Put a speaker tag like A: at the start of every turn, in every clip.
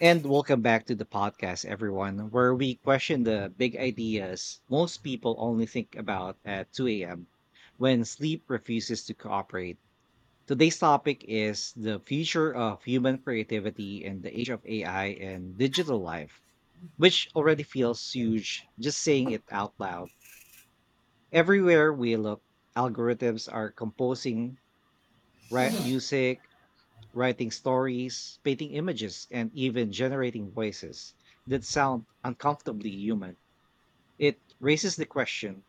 A: And welcome back to the podcast, everyone, where we question the big ideas most people only think about at 2 a.m. when sleep refuses to cooperate. Today's topic is the future of human creativity in the age of AI and digital life, which already feels huge just saying it out loud. Everywhere we look, algorithms are composing rap music, writing stories, painting images, and even generating voices that sound uncomfortably human. It raises the question,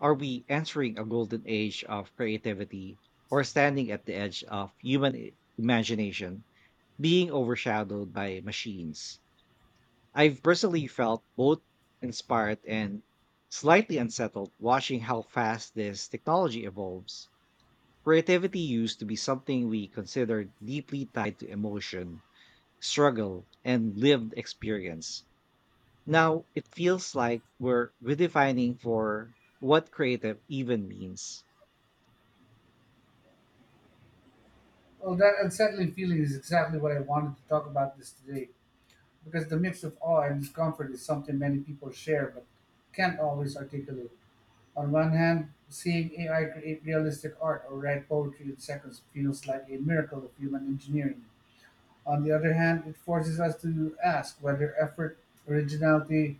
A: are we entering a golden age of creativity or standing at the edge of human imagination being overshadowed by machines? I've personally felt both inspired and slightly unsettled watching how fast this technology evolves. Creativity used to be something we considered deeply tied to emotion, struggle, and lived experience. Now it feels like we're redefining for what creative even means.
B: Well, that unsettling feeling is exactly what I wanted to talk about this today, because the mix of awe and discomfort is something many people share but can't always articulate. On one hand, seeing AI create realistic art or write poetry in seconds feels like a miracle of human engineering. On the other hand, it forces us to ask whether effort, originality,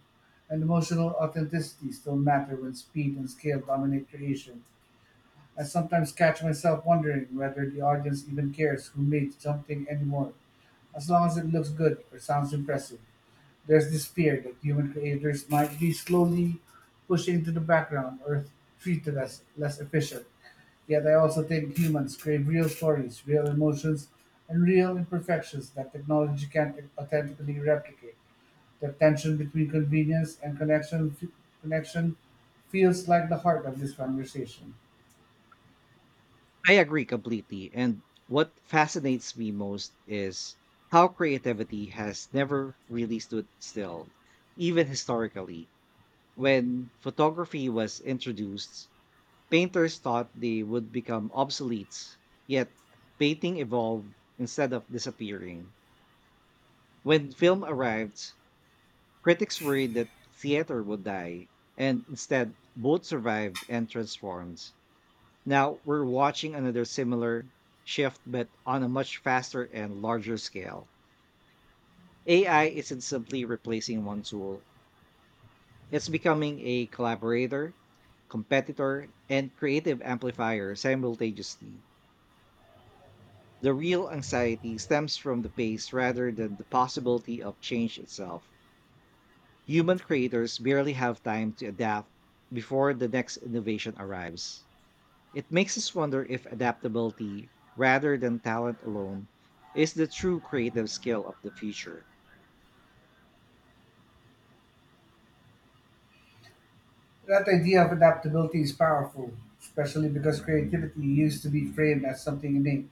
B: and emotional authenticity still matter when speed and scale dominate creation. I sometimes catch myself wondering whether the audience even cares who made something anymore, as long as it looks good or sounds impressive. There's this fear that human creators might be slowly pushing to the background or treated as less efficient. Yet I also think humans crave real stories, real emotions, and real imperfections that technology can't authentically replicate. The tension between convenience and connection feels like the heart of this conversation.
A: I agree completely. And what fascinates me most is how creativity has never really stood still, even historically. When photography was introduced, painters thought they would become obsolete, yet painting evolved instead of disappearing. When film arrived, critics worried that theater would die, and instead, both survived and transformed. Now we're watching another similar shift, but on a much faster and larger scale. AI isn't simply replacing one tool, it's becoming a collaborator, competitor, and creative amplifier simultaneously. The real anxiety stems from the pace rather than the possibility of change itself. Human creators barely have time to adapt before the next innovation arrives. It makes us wonder if adaptability, rather than talent alone, is the true creative skill of the future.
B: That idea of adaptability is powerful, especially because creativity used to be framed as something innate.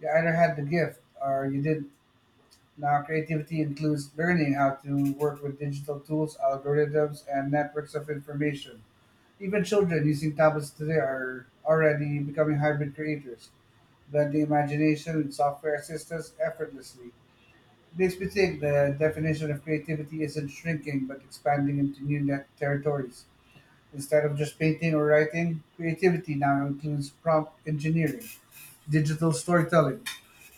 B: You either had the gift or you didn't. Now, creativity includes learning how to work with digital tools, algorithms, and networks of information. Even children using tablets today are already becoming hybrid creators, blending imagination and software assistance effortlessly. It makes me think the definition of creativity isn't shrinking but expanding into new net territories. Instead of just painting or writing, creativity now includes prompt engineering, digital storytelling,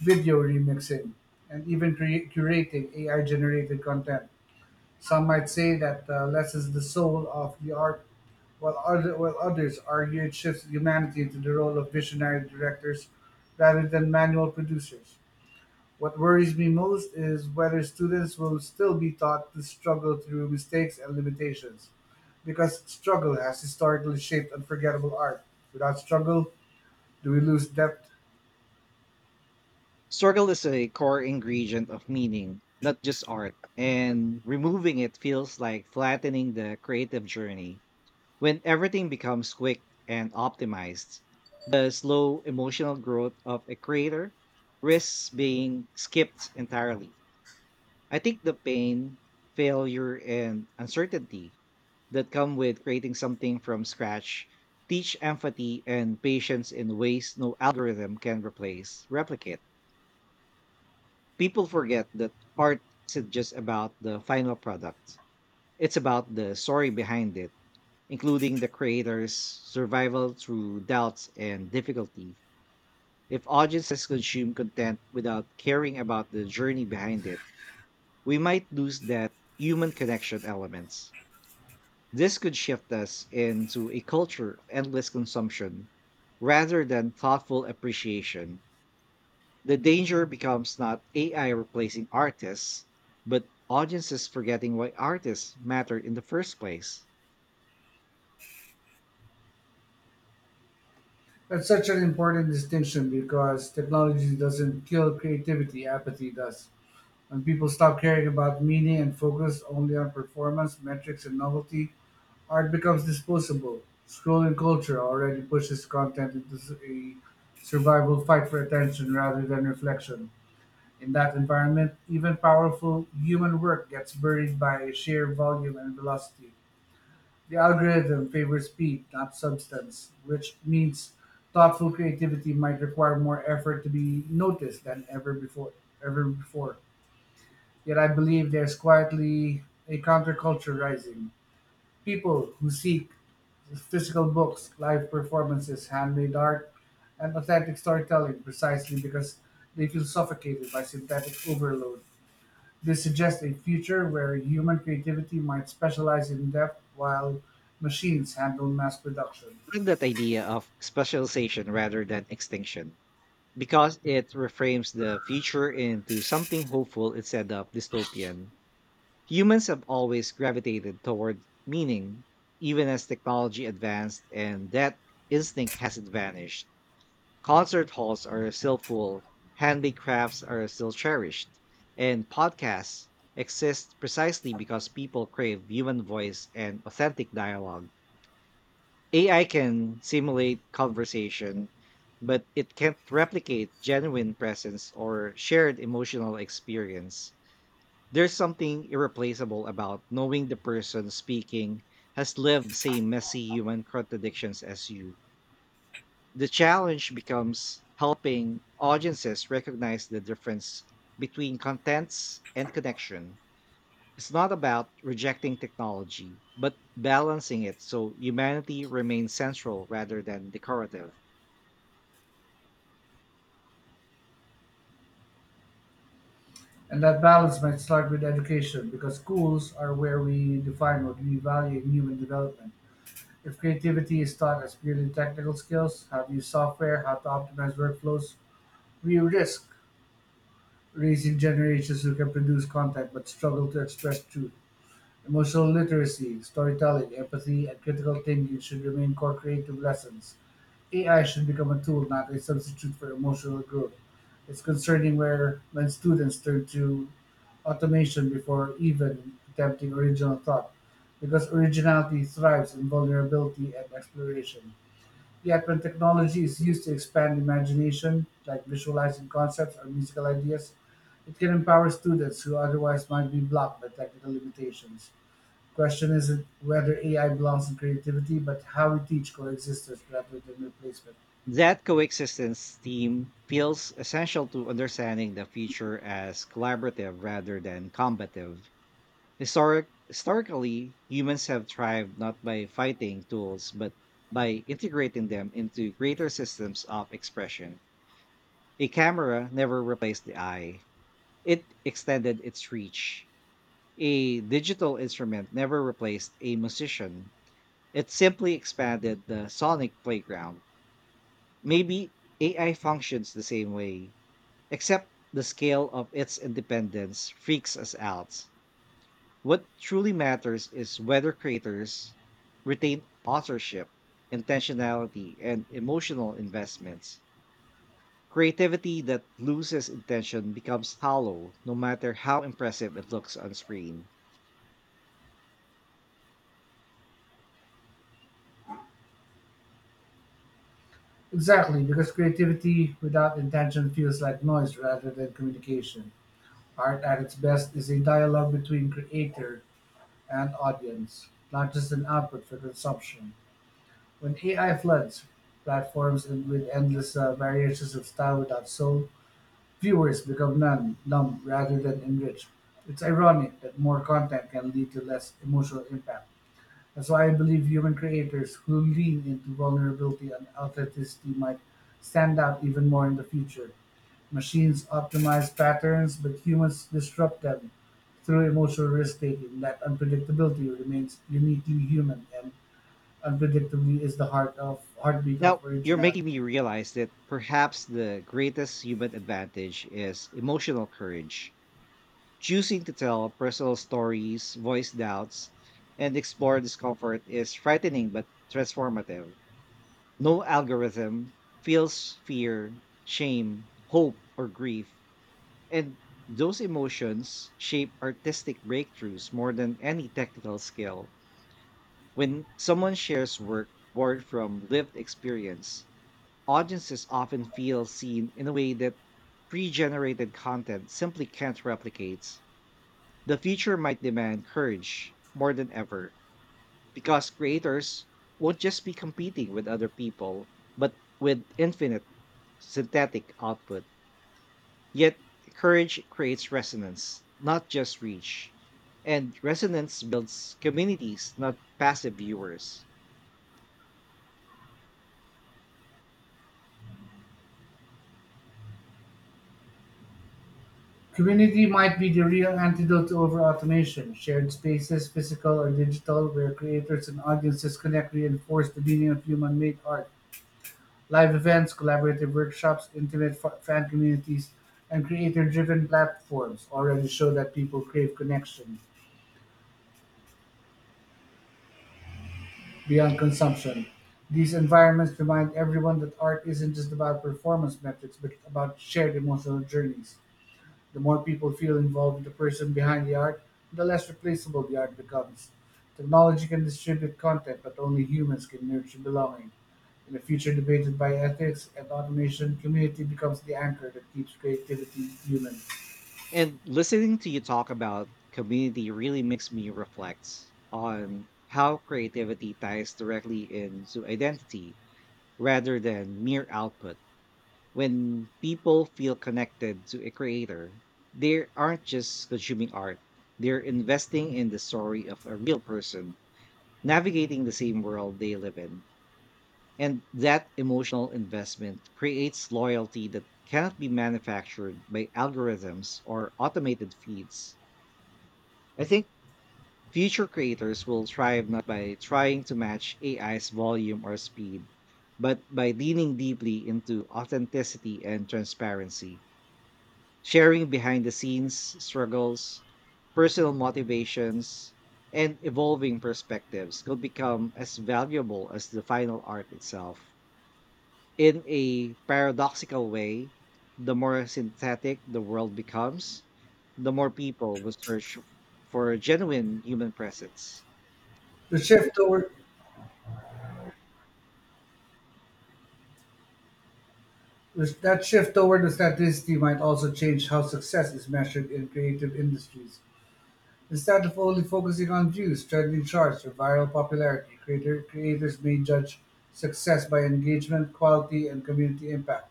B: video remixing, and even curating AI generated content. Some might say that less is the soul of the art, while others argue it shifts humanity into the role of visionary directors rather than manual producers. What worries me most is whether students will still be taught to struggle through mistakes and limitations, because struggle has historically shaped unforgettable art. Without struggle, do we lose depth?
A: Struggle is a core ingredient of meaning, not just art, and removing it feels like flattening the creative journey. When everything becomes quick and optimized, the slow emotional growth of a creator risks being skipped entirely. I think the pain, failure, and uncertainty that come with creating something from scratch teach empathy and patience in ways no algorithm can replicate. People forget that art isn't just about the final product. It's about the story behind it, including the creator's survival through doubts and difficulty. If audiences consume content without caring about the journey behind it, we might lose that human connection elements. This could shift us into a culture of endless consumption rather than thoughtful appreciation. The danger becomes not AI replacing artists, but audiences forgetting why artists mattered in the first place.
B: That's such an important distinction because technology doesn't kill creativity, apathy does. When people stop caring about meaning and focus only on performance, metrics, and novelty, art becomes disposable. Scrolling culture already pushes content into a survival fight for attention rather than reflection. In that environment, even powerful human work gets buried by sheer volume and velocity. The algorithm favors speed, not substance, which means thoughtful creativity might require more effort to be noticed than ever before. Yet I believe there's quietly a counterculture rising, people who seek physical books, live performances, handmade art, and authentic storytelling precisely because they feel suffocated by synthetic overload. This suggests a future where human creativity might specialize in depth while machines handle mass production.
A: I like that idea of specialization rather than extinction because it reframes the future into something hopeful instead of dystopian. Humans have always gravitated toward meaning, even as technology advanced, and that instinct hasn't vanished. Concert halls are still full, handmade crafts are still cherished, and podcasts exist precisely because people crave human voice and authentic dialogue. AI can simulate conversation, but it can't replicate genuine presence or shared emotional experience. There's something irreplaceable about knowing the person speaking has lived the same messy human contradictions as you. The challenge becomes helping audiences recognize the difference between contents and connection. It's not about rejecting technology, but balancing it so humanity remains central rather than decorative.
B: And that balance might start with education because schools are where we define what we value in human development. If creativity is taught as purely technical skills, how to use software, how to optimize workflows, we risk raising generations who can produce content but struggle to express truth. Emotional literacy, storytelling, empathy, and critical thinking should remain core creative lessons. AI should become a tool, not a substitute for emotional growth. It's concerning where when students turn to automation before even attempting original thought, because originality thrives in vulnerability and exploration. Yet, when technology is used to expand imagination, like visualizing concepts or musical ideas, it can empower students who otherwise might be blocked by technical limitations. Question isn't whether AI belongs in creativity, but how we teach coexistence rather than replacement.
A: That coexistence theme feels essential to understanding the future as collaborative rather than combative. Historically, humans have thrived not by fighting tools, but by integrating them into greater systems of expression. A camera never replaced the eye, it extended its reach. A digital instrument never replaced a musician, it simply expanded the sonic playground. Maybe AI functions the same way, except the scale of its independence freaks us out. What truly matters is whether creators retain authorship, intentionality, and emotional investments. Creativity that loses intention becomes hollow, no matter how impressive it looks on screen.
B: Exactly, because creativity without intention feels like noise rather than communication. Art at its best is a dialogue between creator and audience, not just an output for consumption. When AI floods platforms with endless variations of style without soul, viewers become numb rather than enriched. It's ironic that more content can lead to less emotional impact. That's why I believe human creators who lean into vulnerability and authenticity might stand out even more in the future. Machines optimize patterns, but humans disrupt them through emotional risk taking. That unpredictability remains uniquely human, and unpredictably is the heart of heartbeat of
A: Now, you're
B: originality.
A: making me realize that perhaps the greatest human advantage is emotional courage. Choosing to tell personal stories, voice doubts, and explore discomfort is frightening but transformative. No algorithm feels fear, shame, hope, or grief. And those emotions shape artistic breakthroughs more than any technical skill. When someone shares work born from lived experience, audiences often feel seen in a way that pre generated content simply can't replicate. The future might demand courage more than ever because creators won't just be competing with other people, but with infinite synthetic output. Yet courage creates resonance, not just reach. And resonance builds communities, not passive viewers.
B: Community might be the real antidote to over automation. Shared spaces, physical or digital, where creators and audiences connect reinforce the meaning of human made art. Live events, collaborative workshops, intimate fan communities, and creator driven platforms already show that people crave connection beyond consumption. These environments remind everyone that art isn't just about performance metrics, but about shared emotional journeys. The more people feel involved with the person behind the art, the less replaceable the art becomes. Technology can distribute content, but only humans can nurture belonging. In a future debated by ethics and automation, community becomes the anchor that keeps creativity human.
A: And listening to you talk about community really makes me reflect on how creativity ties directly into identity rather than mere output. When people feel connected to a creator, they aren't just consuming art, they're investing in the story of a real person navigating the same world they live in. And that emotional investment creates loyalty that cannot be manufactured by algorithms or automated feeds. I think future creators will thrive not by trying to match AI's volume or speed, but by leaning deeply into authenticity and transparency. Sharing behind the scenes struggles, personal motivations, and evolving perspectives could become as valuable as the final art itself. In a paradoxical way, the more synthetic the world becomes, the more people will search for a genuine human presence.
B: The shift toward that shift toward authenticity might also change how success is measured in creative industries. Instead of only focusing on views, trending charts, or viral popularity, creators may judge success by engagement, quality, and community impact.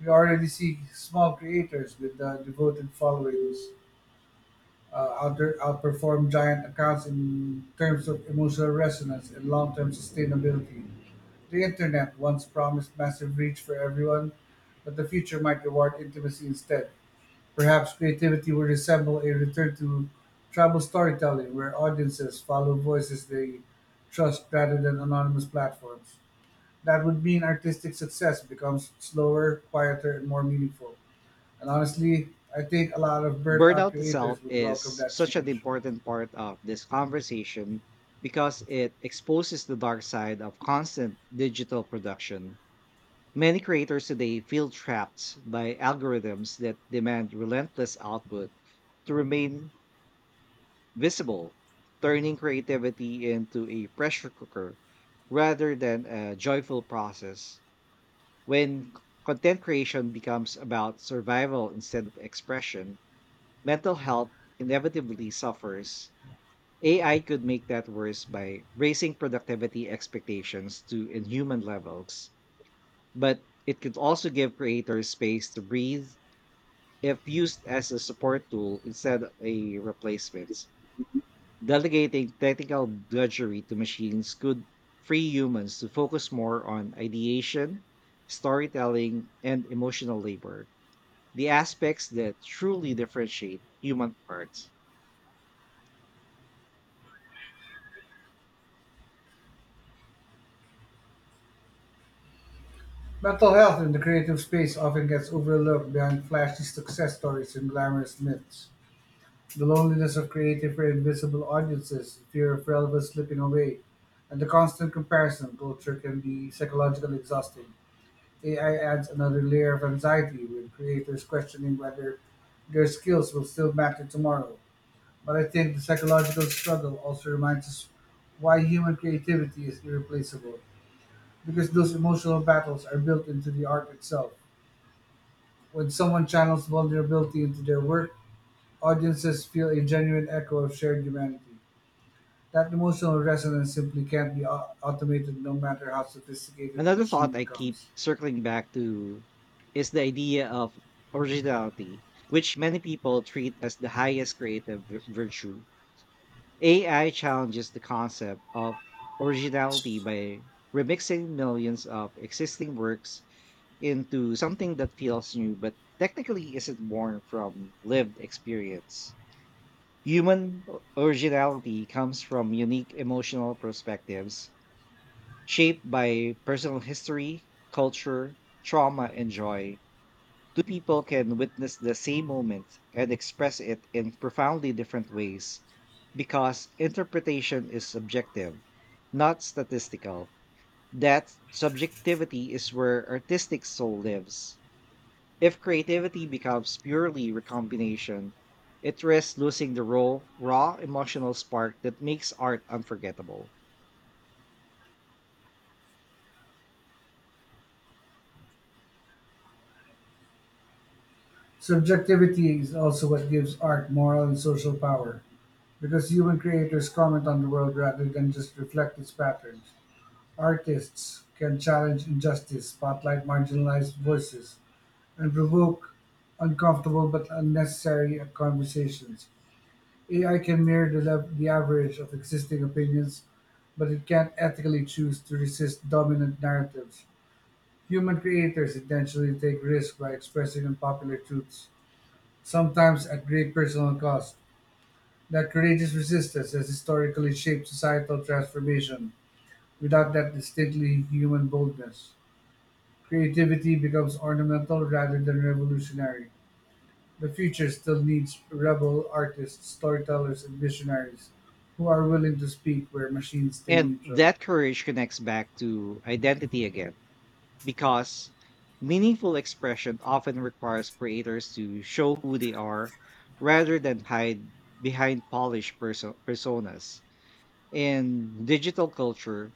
B: We already see small creators with devoted followings outperform giant accounts in terms of emotional resonance and long term sustainability. The internet once promised massive reach for everyone, but the future might reward intimacy instead. Perhaps creativity would resemble a return to tribal storytelling, where audiences follow voices they trust rather than anonymous platforms. That would mean artistic success becomes slower, quieter, and more meaningful. And honestly, I think a lot of burnt out
A: Burnout itself
B: creators would welcome
A: is
B: that
A: such an
B: change.
A: important part of this conversation because it exposes the dark side of constant digital production. Many creators today feel trapped by algorithms that demand relentless output to remain visible, turning creativity into a pressure cooker rather than a joyful process. When content creation becomes about survival instead of expression, mental health inevitably suffers. AI could make that worse by raising productivity expectations to inhuman levels, but it could also give creators space to breathe if used as a support tool instead of a replacement. Delegating technical drudgery to machines could free humans to focus more on ideation, storytelling, and emotional labor, the aspects that truly differentiate human arts.
B: Mental health in the creative space often gets overlooked behind flashy success stories and glamorous myths. The loneliness of creating for invisible audiences, the fear of relevance slipping away, and the constant comparison culture can be psychologically exhausting. AI adds another layer of anxiety with creators questioning whether their skills will still matter tomorrow. But I think the psychological struggle also reminds us why human creativity is irreplaceable, because those emotional battles are built into the art itself. When someone channels vulnerability into their work, audiences feel a genuine echo of shared humanity. That emotional resonance simply can't be automated no matter how sophisticated the
A: Another
B: machine
A: thought I keep
B: becomes.
A: circling back to is the idea of originality, which many people treat as the highest creative virtue. AI challenges the concept of originality by remixing millions of existing works into something that feels new but technically isn't born from lived experience. Human originality comes from unique emotional perspectives shaped by personal history, culture, trauma, and joy. Two people can witness the same moment and express it in profoundly different ways because interpretation is subjective, not statistical. That subjectivity is where artistic soul lives. If creativity becomes purely recombination, it risks losing the raw emotional spark that makes art unforgettable.
B: Subjectivity is also what gives art moral and social power, because human creators comment on the world rather than just reflect its patterns. Artists can challenge injustice, spotlight marginalized voices, and provoke uncomfortable but unnecessary conversations. AI can mirror the average of existing opinions, but it can't ethically choose to resist dominant narratives. Human creators intentionally take risks by expressing unpopular truths, sometimes at great personal cost. That courageous resistance has historically shaped societal transformation. Without that distinctly human boldness, creativity becomes ornamental rather than revolutionary. The future still needs rebel artists, storytellers, and visionaries who are willing to speak where machines stay
A: And
B: neutral.
A: that courage connects back to identity again, because meaningful expression often requires creators to show who they are rather than hide behind polished personas. In digital culture,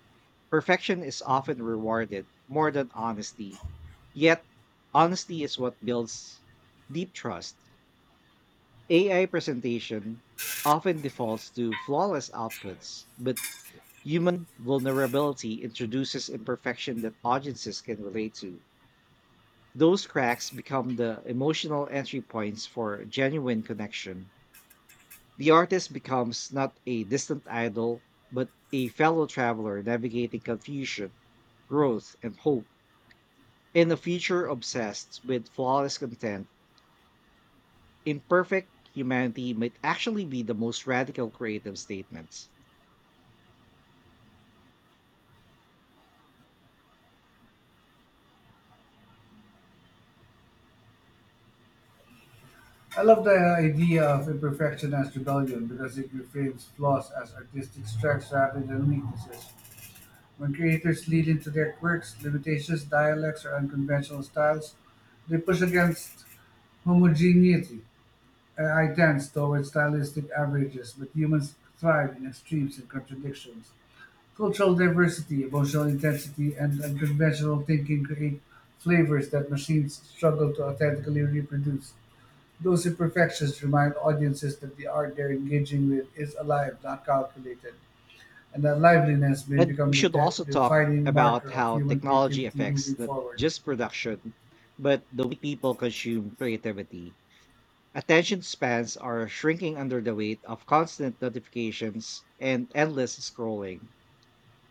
A: perfection is often rewarded more than honesty. Yet, honesty is what builds deep trust. AI presentation often defaults to flawless outputs, but human vulnerability introduces imperfection that audiences can relate to. Those cracks become the emotional entry points for genuine connection. The artist becomes not a distant idol, but a fellow traveler navigating confusion, growth, and hope in a future obsessed with flawless content. Imperfect humanity might actually be the most radical creative statements.
B: I love the idea of imperfection as rebellion because it reframes flaws as artistic strengths rather than weaknesses. When creators lean into their quirks, limitations, dialects, or unconventional styles, they push against homogeneity. AI tends towards stylistic averages, but humans thrive in extremes and contradictions. Cultural diversity, emotional intensity, and unconventional thinking create flavors that machines struggle to authentically reproduce. Those imperfections remind audiences that the art they're engaging with is alive, not calculated, and that liveliness may
A: And we
B: become the
A: should also talk
B: defining
A: about
B: marker of
A: how
B: human
A: technology
B: creativity moving
A: affects not
B: forward.
A: just production, but the way people consume creativity. Attention spans are shrinking under the weight of constant notifications and endless scrolling.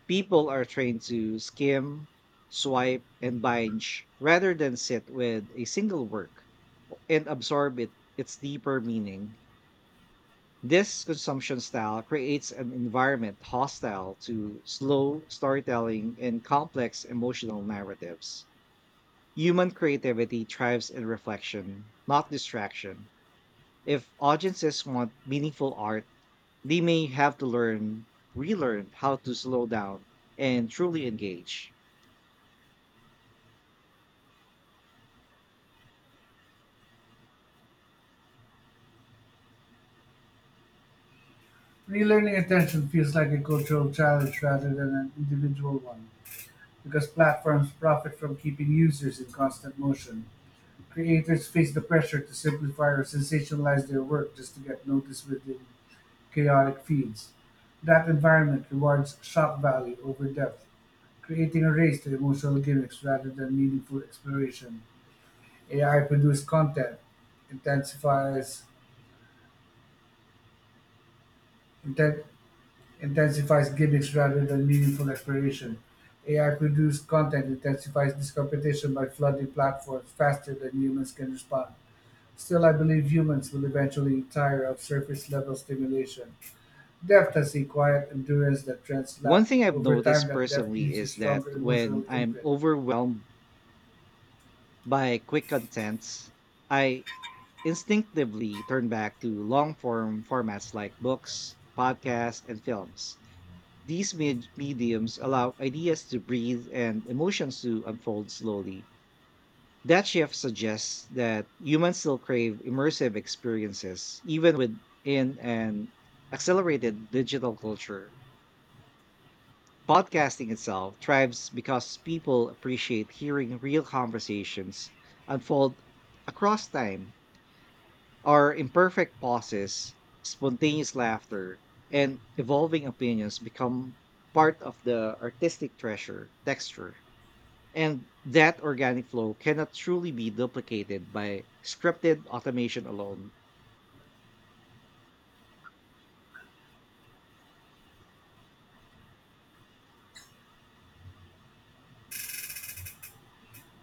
A: People are trained to skim, swipe, and binge rather than sit with a single work and absorb it, its deeper meaning. This consumption style creates an environment hostile to slow storytelling and complex emotional narratives. Human creativity thrives in reflection, not distraction. If audiences want meaningful art, they may relearn how to slow down and truly engage.
B: Relearning attention feels like a cultural challenge rather than an individual one, because platforms profit from keeping users in constant motion. Creators face the pressure to simplify or sensationalize their work just to get noticed within chaotic feeds. That environment rewards shock value over depth, creating a race to emotional gimmicks rather than meaningful exploration. AI-produced content intensifies inten- intensifies gimmicks rather than meaningful exploration. AI-produced content intensifies this competition by flooding platforms faster than humans can respond. Still, I believe humans will eventually tire of surface-level stimulation. Depth has a quiet endurance that trends
A: One
B: lack,
A: thing
B: and
A: I've
B: over time,
A: noticed
B: that depth
A: personally
B: leaves a
A: is that
B: stronger
A: when
B: emotional
A: I'm
B: imprint.
A: overwhelmed by quick contents, I instinctively turn back to long form formats like books, podcasts, and films. These mediums allow ideas to breathe and emotions to unfold slowly. That shift suggests that humans still crave immersive experiences, even within an accelerated digital culture. Podcasting itself thrives because people appreciate hearing real conversations unfold across time, our imperfect pauses, spontaneous laughter, and evolving opinions become part of the artistic treasure texture. And that organic flow cannot truly be duplicated by scripted automation alone.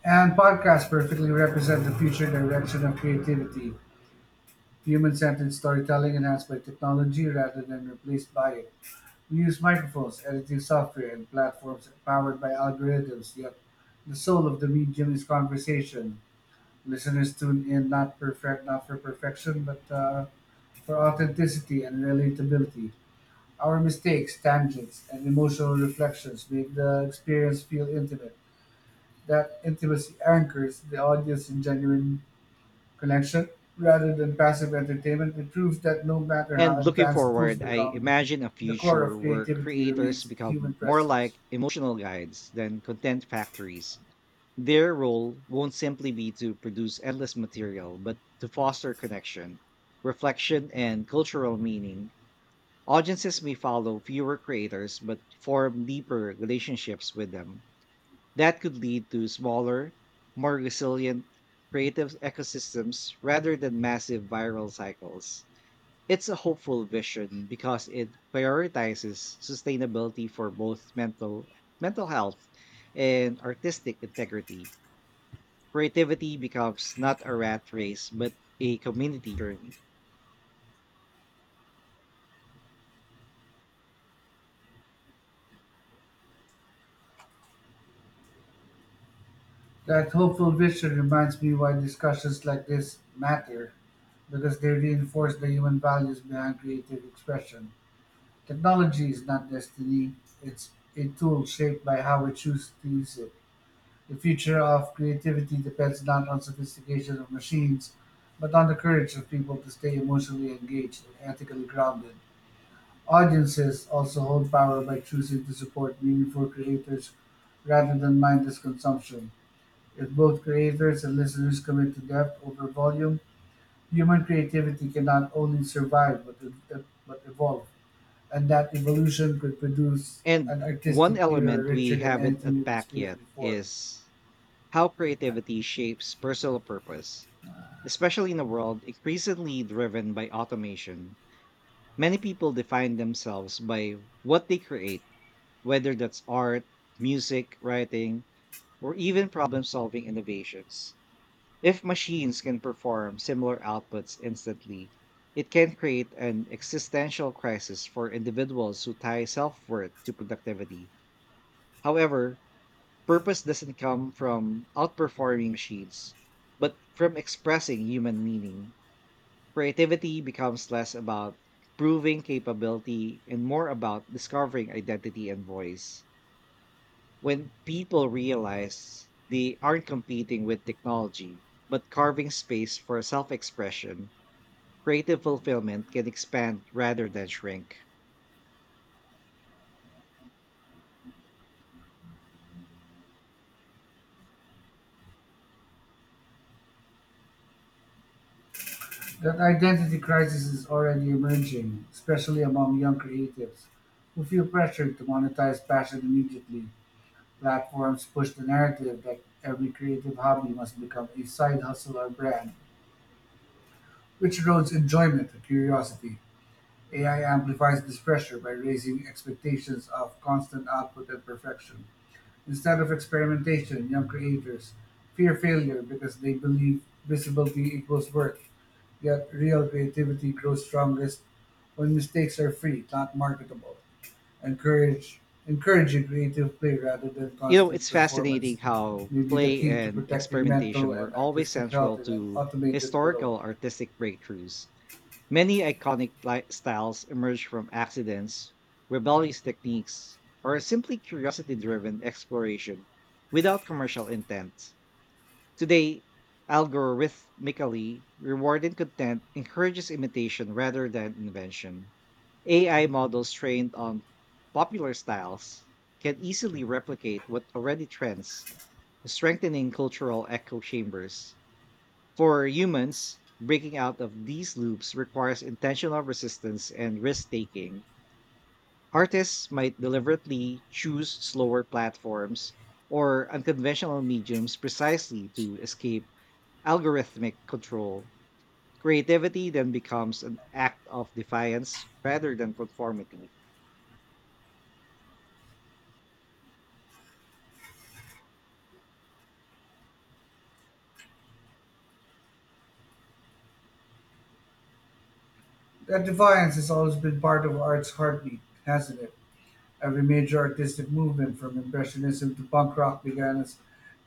B: And podcasts perfectly represent the future direction of creativity. Human-centered storytelling enhanced by technology rather than replaced by it. We use microphones, editing software, and platforms powered by algorithms, yet the soul of the medium is conversation. Listeners tune in not for perfection, but for authenticity and relatability. Our mistakes, tangents, and emotional reflections make the experience feel intimate. That intimacy anchors the audience in genuine connection rather than passive entertainment. It proves that no matter how
A: And looking
B: advanced tools
A: forward, I
B: become,
A: imagine a
B: the core
A: future
B: of
A: where
B: creativity
A: creators
B: remains human
A: become more
B: presence.
A: like emotional guides than content factories. Their role won't simply be to produce endless material, but to foster connection, reflection, and cultural meaning. Audiences may follow fewer creators, but form deeper relationships with them. That could lead to smaller, more resilient creative ecosystems rather than massive viral cycles. It's a hopeful vision because it prioritizes sustainability for both mental health and artistic integrity. Creativity becomes not a rat race but a community journey.
B: That hopeful vision reminds me why discussions like this matter, because they reinforce the human values behind creative expression. Technology is not destiny, it's a tool shaped by how we choose to use it. The future of creativity depends not on sophistication of machines, but on the courage of people to stay emotionally engaged and ethically grounded. Audiences also hold power by choosing to support meaningful creators rather than mindless consumption. If both creators and listeners commit to depth over volume, human creativity can not only survive but evolve, and that evolution could produce
A: And
B: an
A: one
B: artistic era
A: element we
B: richer than
A: haven't
B: anything we've
A: attacked
B: experienced
A: yet
B: before.
A: is how creativity shapes personal purpose. Especially in a world increasingly driven by automation, many people define themselves by what they create, whether that's art, music, writing, or even problem solving innovations. If machines can perform similar outputs instantly, it can create an existential crisis for individuals who tie self worth to productivity. However, purpose doesn't come from outperforming machines, but from expressing human meaning. Creativity becomes less about proving capability and more about discovering identity and voice. When people realize they aren't competing with technology, but carving space for self expression, creative fulfillment can expand rather than shrink.
B: That identity crisis is already emerging, especially among young creatives who feel pressured to monetize passion immediately. Platforms push the narrative that every creative hobby must become a side hustle or brand, which erodes enjoyment and curiosity. AI amplifies this pressure by raising expectations of constant output and perfection. Instead of experimentation, young creators fear failure because they believe visibility equals worth. Yet real creativity grows strongest when mistakes are free, not marketable. Encourage, Encouraging creative play rather than
A: You know, it's
B: constant
A: fascinating
B: performance
A: how
B: may be the
A: play
B: key to
A: and
B: protecting mental
A: experimentation
B: and
A: were always
B: artistic
A: central
B: health in an
A: to
B: automated world.
A: historical artistic breakthroughs. Many iconic styles emerge from accidents, rebellious techniques, or simply curiosity driven exploration without commercial intent. Today, algorithmically rewarded content encourages imitation rather than invention. AI models trained on popular styles can easily replicate what already trends, strengthening cultural echo chambers. For humans, breaking out of these loops requires intentional resistance and risk taking. Artists might deliberately choose slower platforms or unconventional mediums precisely to escape algorithmic control. Creativity then becomes an act of defiance rather than conformity.
B: That defiance has always been part of art's heartbeat, hasn't it? Every major artistic movement, from Impressionism to punk rock, began as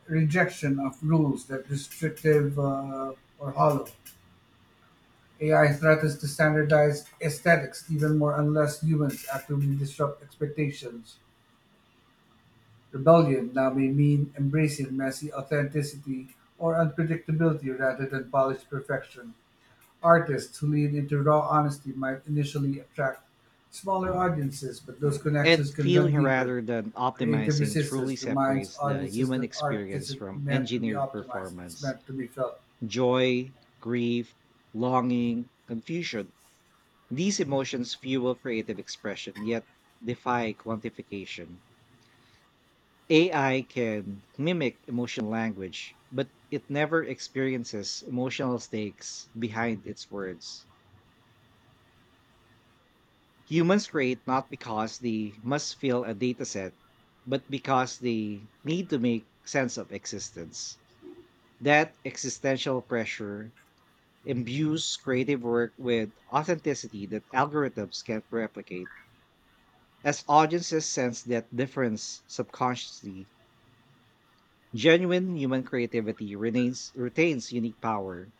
B: rejection of rules that restrictive or hollow. AI threatens to standardize aesthetics even more unless humans actively disrupt expectations. Rebellion now may mean embracing messy authenticity or unpredictability rather than polished perfection. Artists who lean into raw honesty might initially attract smaller audiences, but those connections
A: And
B: can run
A: feeling
B: deeper.
A: rather than
B: Creative
A: optimizing truly
B: resistance reminds
A: separates the
B: audiences
A: human
B: that art
A: experience
B: isn't
A: from
B: meant to be
A: engineered
B: optimized, it's
A: performance.
B: meant to be felt.
A: Joy, grief, longing, confusion. These emotions fuel creative expression, yet defy quantification. AI can mimic emotional language, but it never experiences emotional stakes behind its words. Humans create not because they must fill a dataset, but because they need to make sense of existence. That existential pressure imbues creative work with authenticity that algorithms can't replicate. As audiences sense that difference subconsciously, genuine human creativity retains unique power.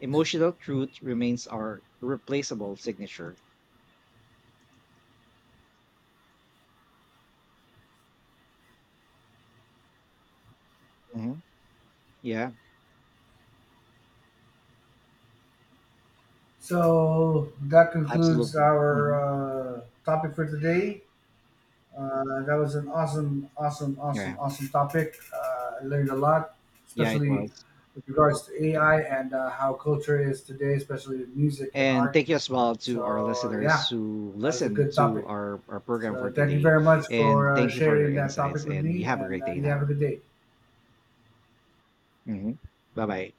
A: Emotional truth remains our replaceable signature. Mhm. Yeah,
B: So that concludes
A: absolutely.
B: our
A: Mhm.
B: topic for today. That was an
A: Yeah,
B: awesome topic. I learned a lot,
A: yeah, it
B: especially
A: was.
B: with regards to AI and how culture is today, especially with music and
A: And
B: art.
A: thank you as well to our
B: So,
A: listeners
B: yeah,
A: who
B: that was a
A: listen
B: good
A: to
B: topic.
A: our program
B: So,
A: for
B: thank you
A: today.
B: very much for
A: And thank you for your
B: sharing that topic
A: insights.
B: with
A: And you
B: me,
A: have a
B: and
A: great day
B: you have a
A: now.
B: good day.
A: Hmm. Bye bye.